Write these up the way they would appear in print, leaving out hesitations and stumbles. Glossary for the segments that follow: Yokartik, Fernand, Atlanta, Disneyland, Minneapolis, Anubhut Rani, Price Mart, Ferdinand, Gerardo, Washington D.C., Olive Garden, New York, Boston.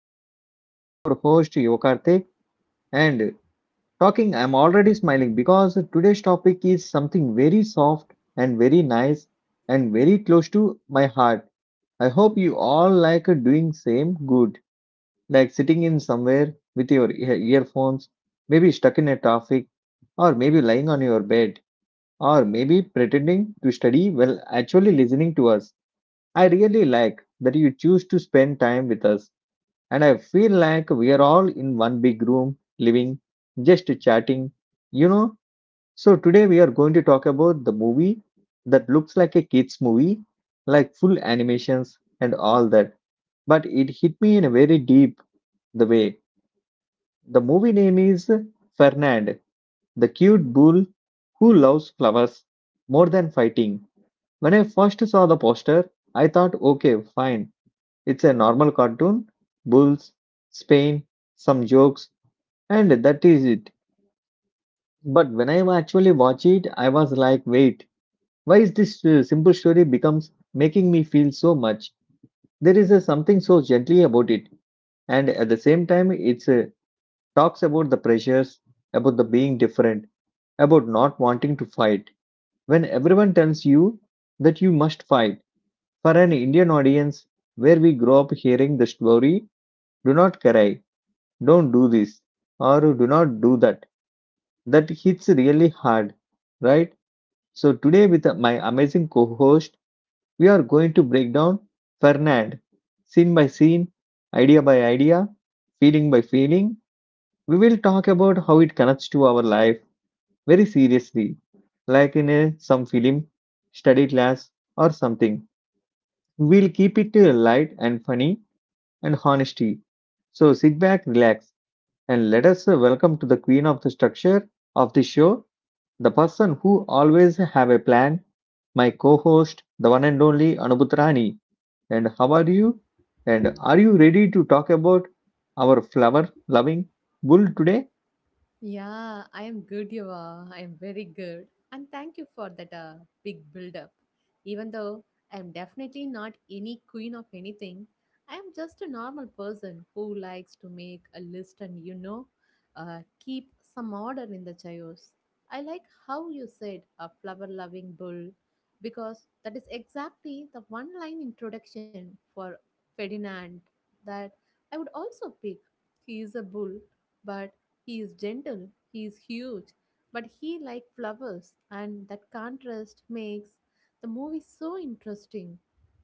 And this is your host, Yokartik. And talking, I'm already smiling because today's topic is something very soft and very nice and very close to my heart. I hope you all like doing same good, like sitting in somewhere with your earphones, maybe stuck in a traffic, or maybe lying on your bed, or maybe pretending to study while actually listening to us. I really like that you choose to spend time with us and I feel like we are all in one big room, living, just chatting, you know. So today we are going to talk about the movie that looks like a kids movie, like full animations and all that. But it hit me in a very deep the way. The movie name is Fernand, the cute bull who loves flowers more than fighting. When I first saw the poster, I thought, okay, fine, it's a normal cartoon, bulls, Spain, some jokes. And that is it. But when I actually watch it, I was like, wait, why is this simple story becomes making me feel so much? There is a something so gently about it, and at the same time, it's talks about the pressures, about the being different, about not wanting to fight. When everyone tells you that you must fight, for an Indian audience where we grow up hearing the story, do not cry, don't do this, or do not do that, that hits really hard, right? So, today, with my amazing co host, we are going to break down Fernand scene by scene, idea by idea, feeling by feeling. We will talk about how it connects to our life very seriously, like in some film, study class, or something. We'll keep it light and funny and honesty. So, sit back, relax, and let us welcome to the queen of the structure of the show, the person who always have a plan, my co-host, the one and only Anubhut Rani. And how are you? And are you ready to talk about our flower loving bull today? Yeah, I am good, you I am very good. And thank you for that big build up. Even though I am definitely not any queen of anything, I am just a normal person who likes to make a list and, keep some order in the chaos. I like how you said a flower loving bull because that is exactly the one line introduction for Ferdinand that I would also pick. He is a bull, but he is gentle, he is huge, but he like flowers, and that contrast makes the movie so interesting.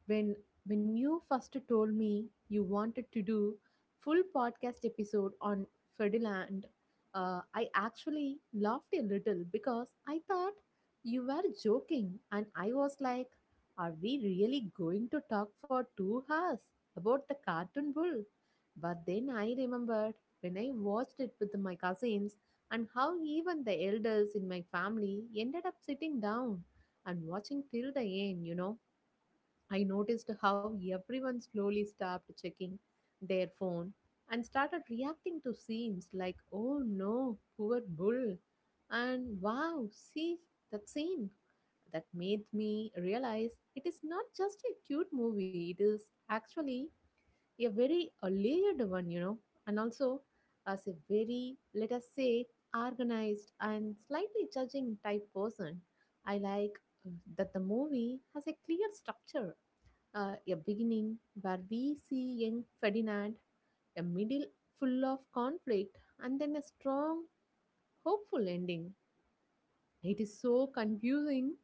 When when you first told me you wanted to do full podcast episode on Ferdinand, I actually laughed a little because I thought you were joking, and I was like, "Are we really going to talk for 2 hours about the cartoon bull?" But then I remembered when I watched it with my cousins, and how even the elders in my family ended up sitting down and watching till the end. I noticed how everyone slowly stopped checking their phone and started reacting to scenes like, oh no, poor bull, and wow, see that scene. That made me realize it is not just a cute movie, it is actually a very a layered one, and also as a very, let us say, organized and slightly judging type person. I like uh, that the movie has a clear structure, a beginning where we see young Ferdinand, a middle full of conflict, and then a strong, hopeful ending. It is so confusing.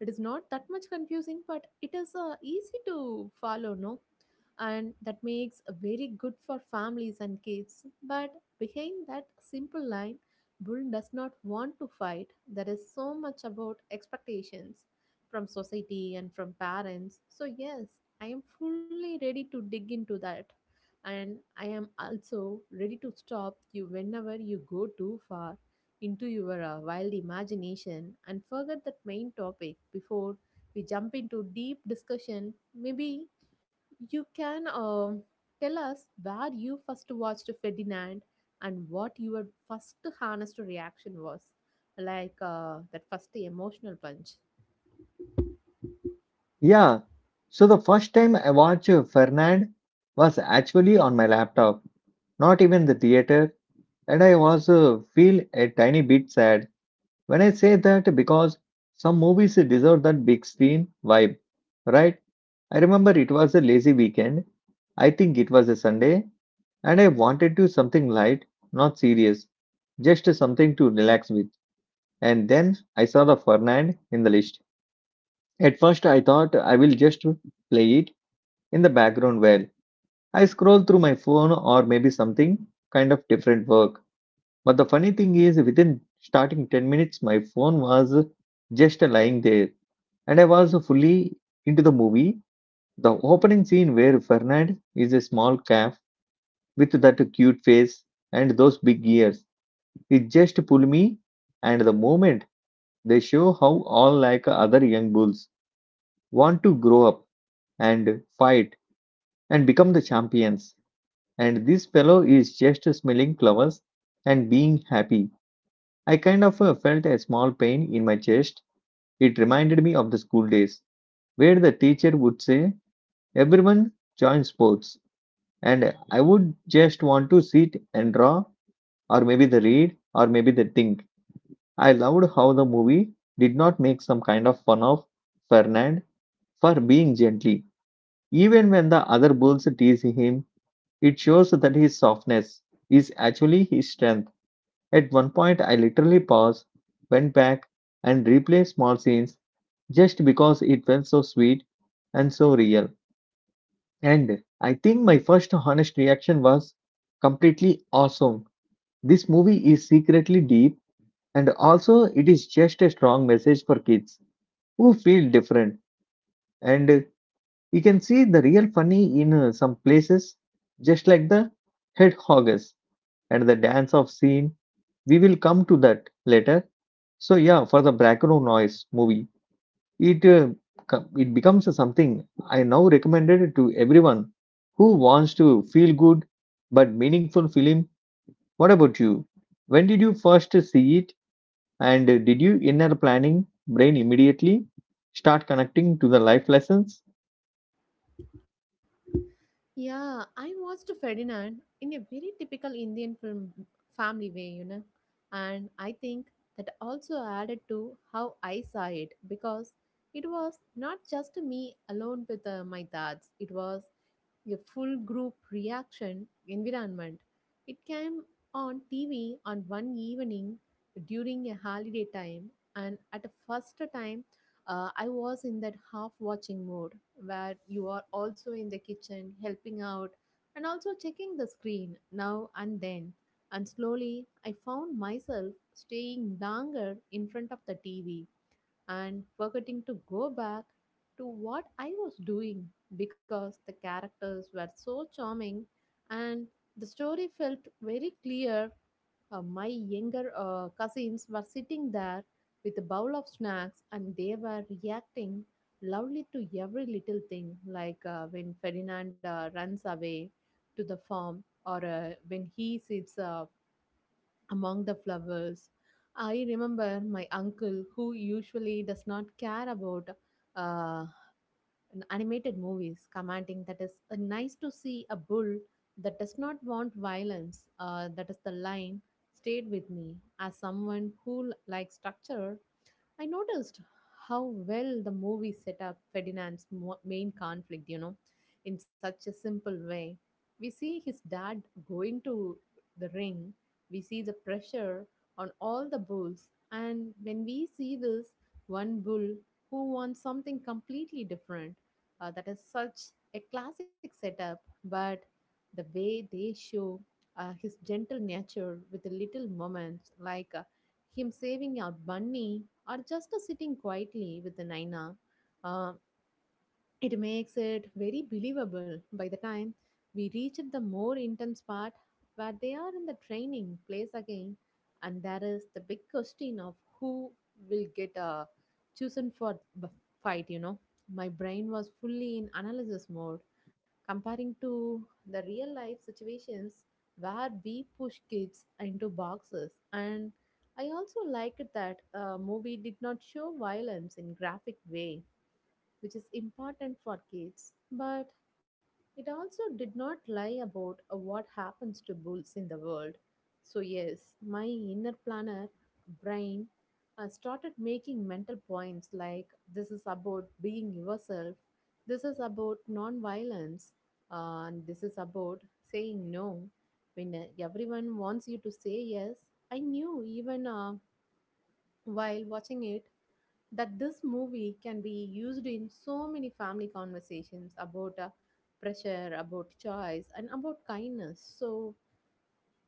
It is not that much confusing, but it is easy to follow, no? And that makes very good for families and kids, but behind that simple line, bull does not want to fight, there is so much about expectations from society and from parents. So yes, I am fully ready to dig into that, and I am also ready to stop you whenever you go too far into your wild imagination and forget that main topic. Before we jump into deep discussion, maybe you can tell us where you first watched Ferdinand and what your first honest reaction was, like that first emotional punch. Yeah. So the first time I watched Fernand was actually on my laptop, not even the theater, and I was feel a tiny bit sad when I say that because some movies deserve that big screen vibe, right? I remember it was a lazy weekend. I think it was a Sunday, and I wanted to do something light, not serious, just something to relax with. And then I saw the Fernand in the list. At first, I thought I will just play it in the background while I scroll through my phone or maybe something kind of different work. But the funny thing is, within starting 10 minutes, my phone was just lying there, and I was fully into the movie. The opening scene where Fernand is a small calf with that cute face and those big ears. It just pull me, and the moment they show how all like other young bulls want to grow up and fight and become the champions, and this fellow is just smelling flowers and being happy. I kind of felt a small pain in my chest. It reminded me of the school days where the teacher would say, everyone join sports, and I would just want to sit and draw, or maybe the read, or maybe the think. I loved how the movie did not make some kind of fun of Fernand for being gently. Even when the other bulls tease him, it shows that his softness is actually his strength. At one point, I literally paused, went back, and replayed small scenes just because it felt so sweet and so real. And I think my first honest reaction was completely awesome. This movie is secretly deep, and also, it is just a strong message for kids who feel different. And you can see the real funny in some places, just like the hedgehogs and the dance of scene. We will come to that later. So yeah, for the background noise movie, it uh, it becomes something I now recommended to everyone who wants to feel good but meaningful film. What about you? When did you first see it, and did you inner planning brain immediately start connecting to the life lessons? Yeah, I watched Ferdinand in a very typical Indian film family way, you know, and I think that also added to how I saw it because it was not just me alone with my thoughts, it was a full group reaction environment. It came on TV on one evening during a holiday time, and at the first time I was in that half watching mode where you are also in the kitchen helping out and also checking the screen now and then. And slowly, I found myself staying longer in front of the TV and forgetting to go back to what I was doing because the characters were so charming and the story felt very clear. My younger cousins were sitting there with a bowl of snacks and they were reacting loudly to every little thing, like when Ferdinand runs away to the farm or when he sits among the flowers. I remember my uncle, who usually does not care about uh, animated movies, commenting that is nice to see a bull that does not want violence. That is the line stayed with me. As someone who likes structure, I noticed how well the movie set up Ferdinand's main conflict, you know, in such a simple way. We see his dad going to the ring, we see the pressure on all the bulls, and when we see this one bull who wants something completely different, that is such a classic setup, but the way they show his gentle nature with the little moments like him saving our bunny or just sitting quietly with an aina, it makes it very believable. By the time we reach the more intense part where they are in the training place again, and there is the big question of who will get chosen for the fight, you know, my brain was fully in analysis mode, comparing to the real life situations where we push kids into boxes and. I also liked that movie did not show violence in graphic way, which is important for kids, but it also did not lie about what happens to bulls in the world. So, yes, my inner planner brain started making mental points like, this is about being yourself, this is about non violence, and this is about saying no when everyone wants you to say yes. I knew even while watching it that this movie can be used in so many family conversations about pressure, about choice, and about kindness. So,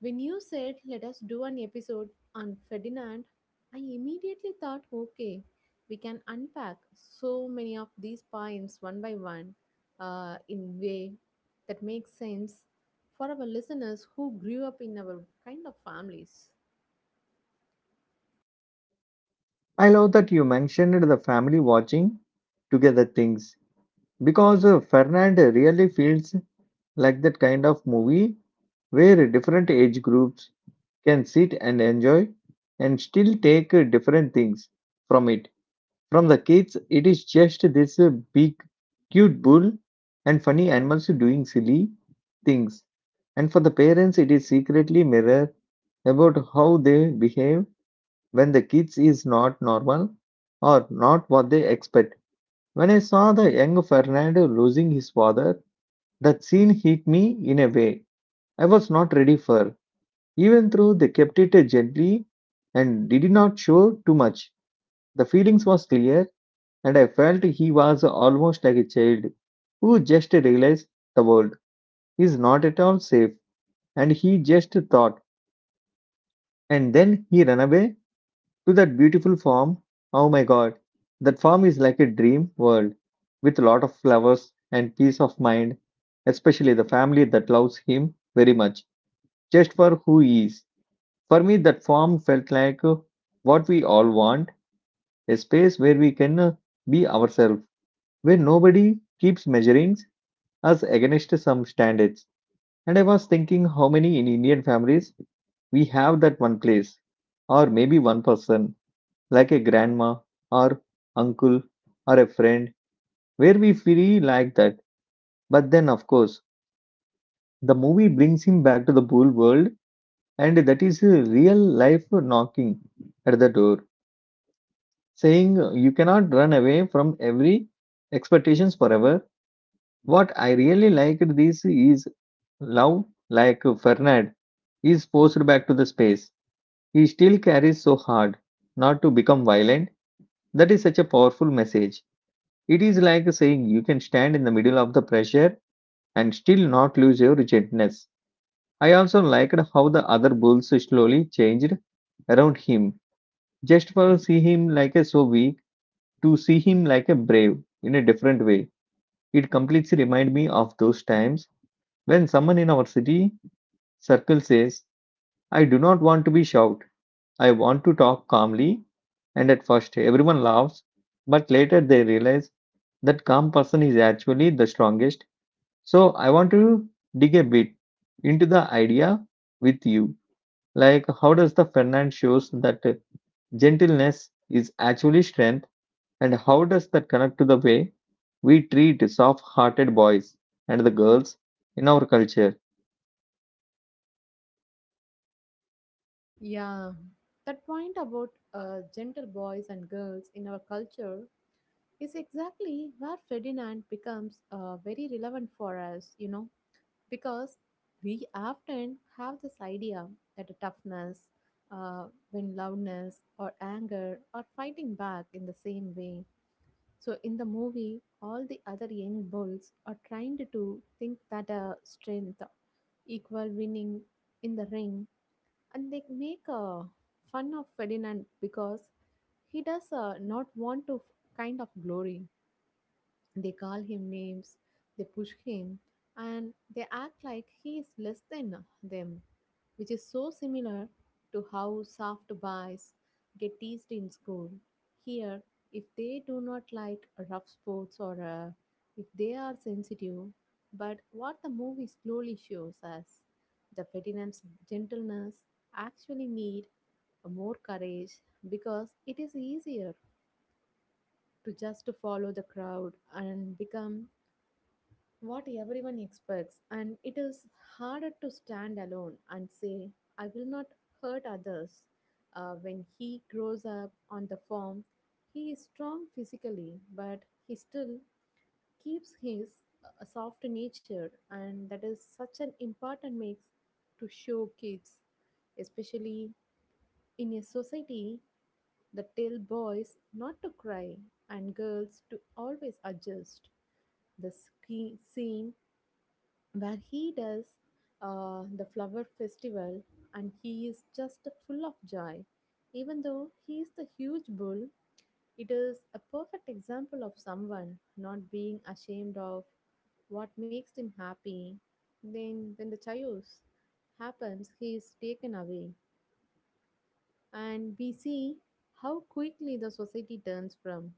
when you said, "Let us do an episode on Ferdinand," I immediately thought, "Okay, we can unpack so many of these points one by one in way that makes sense for our listeners who grew up in our kind of families." I love that you mentioned the family watching together things because Fernand really feels like that kind of movie where different age groups can sit and enjoy and still take different things from it. From the kids, it is just this big, cute bull and funny animals doing silly things. And for the parents, it is secretly mirror about how they behave when the kids is not normal or not what they expect. When I saw the young Fernando losing his father, that scene hit me in a way I was not ready for. Even though they kept it gently and did not show too much, the feelings was clear and I felt he was almost like a child who just realized the world is not at all safe and he just thought and then he ran away to that beautiful farm. Oh my god, that farm is like a dream world with a lot of flowers and peace of mind, especially the family that loves him very much, just for who he is. For me, that farm felt like what we all want a space where we can be ourselves, where nobody keeps measuring us against some standards. And I was thinking how many in Indian families we have that one place, or maybe one person like a grandma or uncle or a friend where we feel like that. But then, of course, the movie brings him back to the pool world, and that is a real life knocking at the door, saying, you cannot run away from every expectations forever. What I really liked this is love, like Fernand, is forced back to the space. He still carries so hard not to become violent. That is such a powerful message. It is like saying you can stand in the middle of the pressure and still not lose your gentleness. I also liked how the other bulls slowly changed around him, just for see him like a so weak to see him like a brave in a different way. It completely remind me of those times when someone in our city circle says, "I do not want to be shout. I want to talk calmly." And at first, everyone laughs, but later they realize that calm person is actually the strongest. So I want to dig a bit into the idea with you. Like, how does the Fernand shows that gentleness is actually strength, and how does that connect to the way we treat soft-hearted boys and the girls in our culture? Yeah, that point about gentle boys and girls in our culture is exactly where Ferdinand becomes very relevant for us, you know, because we often have this idea that a toughness, when loudness or anger or fighting back in the same way. So in the movie, all the other young bulls are trying to think that strength equal winning in the ring, and they make fun of Ferdinand because he does not want to kind of glory. They call him names, they push him, and they act like he is less than them, which is so similar to how soft boys get teased in school. Here, if they do not like rough sports or if they are sensitive, but what the movie slowly shows us, the Ferdinand's gentleness actually need more courage because it is easier to just follow the crowd and become what everyone expects, and it is harder to stand alone and say, I will not hurt others. When he grows up on the farm, he is strong physically, but he still keeps his soft nature, and that is such an important mix to show kids, especially in a society that tell boys not to cry and girls to always adjust. The scene where he does the flower festival and he is just full of joy. Even though he is the huge bull, it is a perfect example of someone not being ashamed of what makes him happy. Then, when the chaos happens, he is taken away, and we see how quickly the society turns from,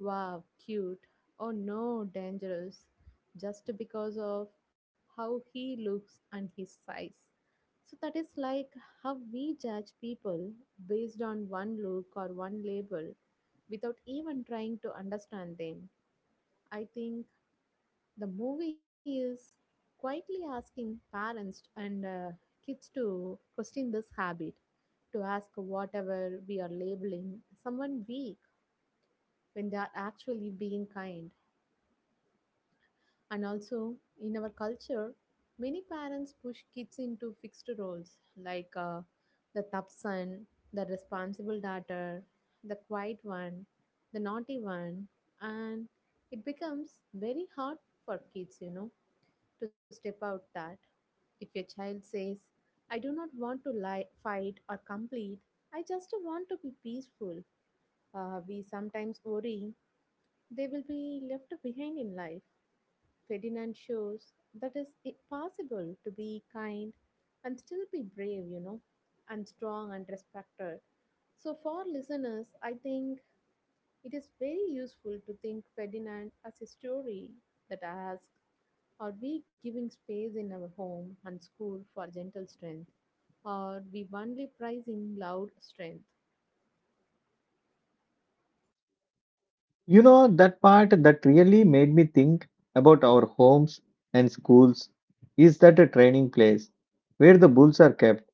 wow, cute, oh no, dangerous. Just because of how he looks and his size. So that is like how we judge people based on one look or one label without even trying to understand them. I think the movie is quietly asking parents and kids to question this habit, to ask whatever we are labeling someone weak when they are actually being kind. And also, in our culture, many parents push kids into fixed roles like the tough son, the responsible daughter, the quiet one, the naughty one, and it becomes very hard for kids, you know, to step out that. If your child says, "I do not want to lie, fight or complete, I just want to be peaceful," we sometimes worry they will be left behind in life. Ferdinand shows that it's possible to be kind and still be brave, you know, and strong and respected. So, for listeners, I think it is very useful to think Ferdinand as a story that asks, are we giving space in our home and school for gentle strength? Or we only prizing loud strength? You know, that part that really made me think about our homes and schools is that a training place where the bulls are kept.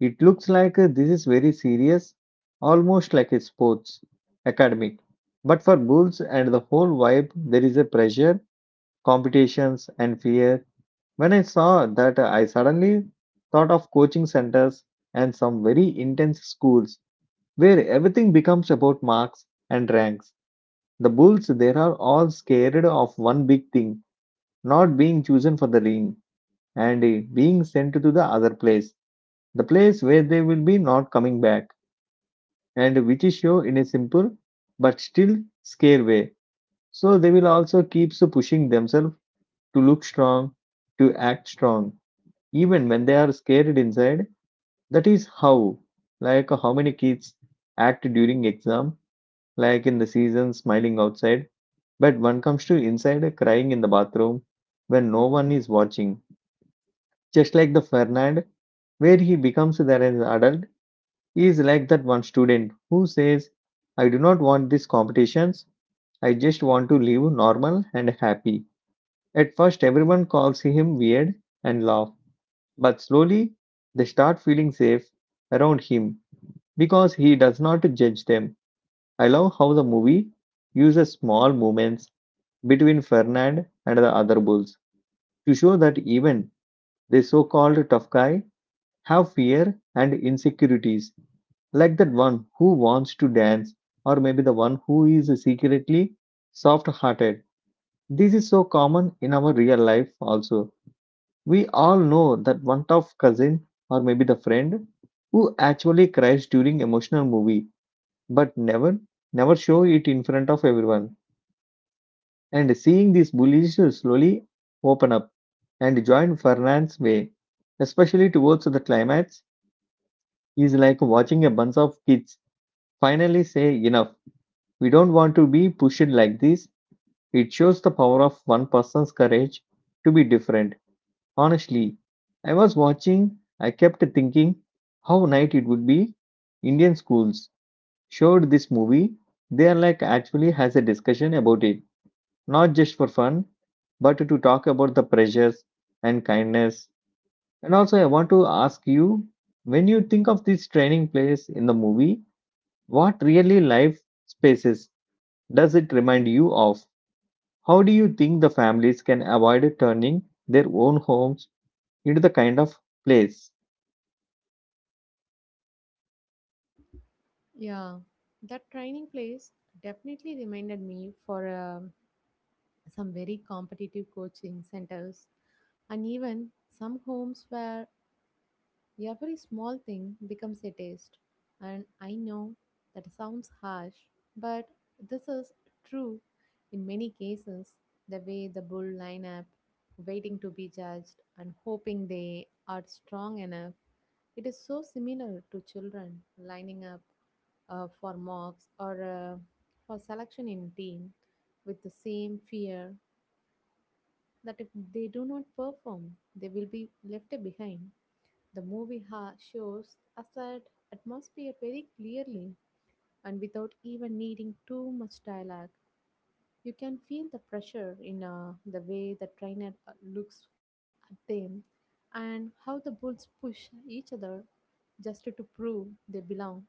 It looks like this is very serious, almost like a sports academic. But for Bulls and the whole vibe, there is a pressure, competitions, and fear. When I saw that, I suddenly thought of coaching centers and some very intense schools where everything becomes about marks and ranks. The Bulls, they are all scared of one big thing not being chosen for the ring and being sent to the other place the place where they will be not coming back. And which is show in a simple but still scare way. So they will also keep so pushing themselves to look strong, to act strong, even when they are scared inside. That is how, like how many kids act during exam, like in the season smiling outside, but one comes to inside crying in the bathroom when no one is watching. Just like the Fernand, where he becomes there as an adult, he is like that one student who says, I do not want these competitions. I just want to live normal and happy. At first, everyone calls him weird and laugh, but slowly they start feeling safe around him because he does not judge them. I love how the movie uses small moments between Fernand and the other bulls to show that even the so called tough guy have fear and insecurities, like that one who wants to dance, or maybe the one who is secretly soft hearted. This is so common in our real life also. We all know that one tough cousin or maybe the friend who actually cries during emotional movie but never show it in front of everyone. And seeing these bullies slowly open up and join Fernand's way, especially towards the climax, is like watching a bunch of kids finally say enough. We don't want to be pushed like this. It shows the power of one person's courage to be different. Honestly, I was watching, I kept thinking how nice it would be. Indian schools showed this movie. They are like actually has a discussion about it, not just for fun, but to talk about the pressures and kindness. And also, I want to ask you, when you think of this training place in the movie, what really life spaces does it remind you of? How do you think the families can avoid turning their own homes into the kind of place? Yeah, that training place definitely reminded me for a some very competitive coaching centers, and even some homes where every small thing becomes a test. And I know that sounds harsh, but this is true in many cases. The way the bull line up, waiting to be judged, and hoping they are strong enough. It is so similar to children lining up for mocks or for selection in team with the same fear that if they do not perform, they will be left behind. The movie shows us that atmosphere very clearly and without even needing too much dialogue. You can feel the pressure in the way the trainer looks at them and how the bulls push each other just to prove they belong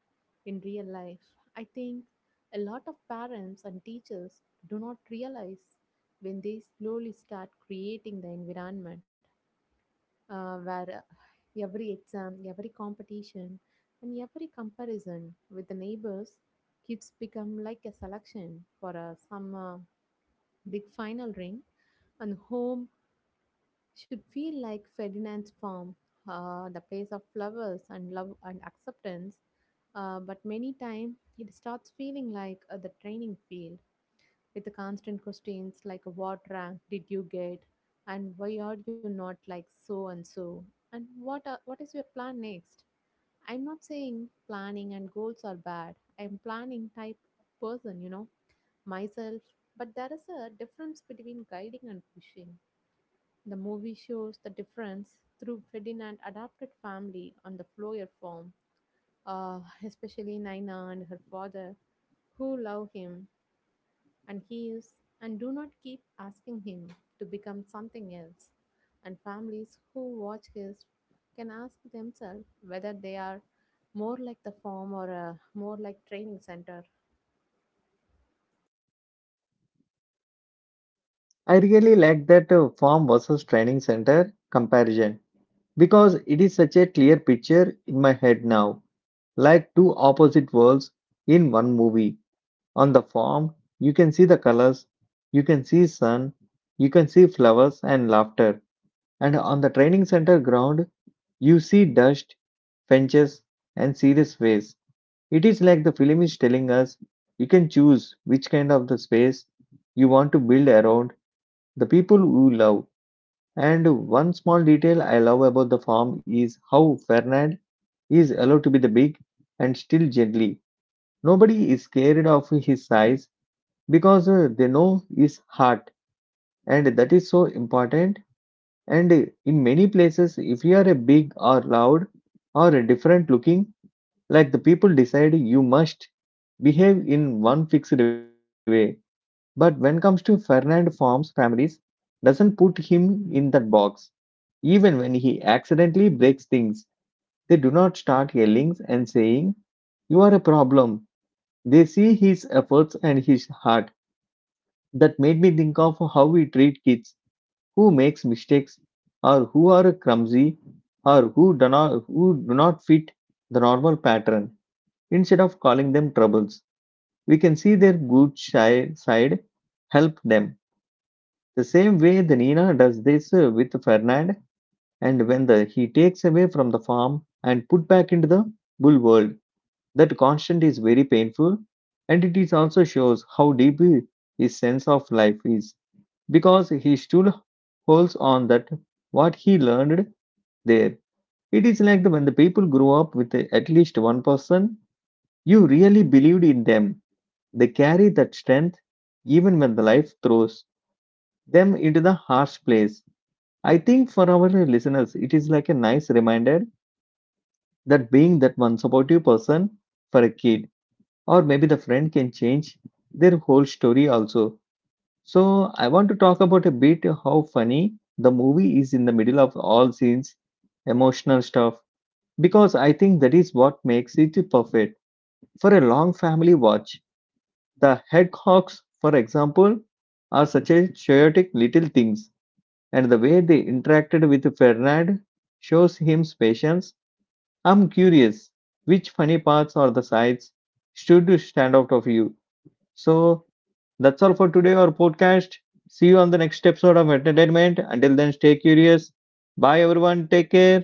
in real life. I think a lot of parents and teachers do not realize when they slowly start creating the environment where every exam, every competition, and every comparison with the neighbors, kids become like a selection for some big final ring, and home should feel like Ferdinand's farm, the place of flowers and love and acceptance. But many times it starts feeling like the training field with the constant questions like, what rank did you get, and why are you not like so and so, and what is your plan next. I'm not saying planning and goals are bad, I'm planning type person, you know, myself, but there is a difference between guiding and pushing. The movie shows the difference through Ferdinand adopted family on the Floyer farm, uh, especially Nina and her father, who love him and he is and do not keep asking him to become something else. And families who watch his can ask themselves whether they are more like the farm or more like training center. I really like that farm versus training center comparison, because it is such a clear picture in my head now. Like two opposite worlds in one movie. On the farm, you can see the colors, you can see sun, you can see flowers and laughter. And on the training center ground, you see dust, fences, and serious face. It is like the film is telling us you can choose which kind of the space you want to build around the people you love. And one small detail I love about the farm is how Fernand is allowed to be the big and still gently. Nobody is scared of his size, because they know his heart, and that is so important. And in many places, if you are a big or loud or a different looking, like the people decide you must behave in one fixed way. But when comes to Fernand Farm's families, doesn't put him in that box. Even when he accidentally breaks things, they do not start yelling and saying, "You are a problem." They see his efforts and his heart. That made me think of how we treat kids who makes mistakes or who are clumsy or who do not fit the normal pattern. Instead of calling them troubles, we can see their good shy side, help them. The same way the Nina does this with Fernand. And when the he takes away from the farm and put back into the bull world, that constant is very painful, and it is also shows how deep his sense of life is, because he still holds on that what he learned there. It is like when the people grow up with at least one person you really believed in them, they carry that strength even when the life throws them into the harsh place. I think for our listeners, it is like a nice reminder that being that one supportive person for a kid or maybe the friend can change their whole story also. So I want to talk about a bit how funny the movie is in the middle of all scenes emotional stuff, because I think that is what makes it perfect for a long family watch. The hedgehogs, for example, are such a chaotic little things, and the way they interacted with Fernand shows him patience. I'm curious, which funny parts or the sides should stand out of you? So that's all for today, our podcast. See you on the next episode of Entertainment. Until then, stay curious. Bye, everyone. Take care.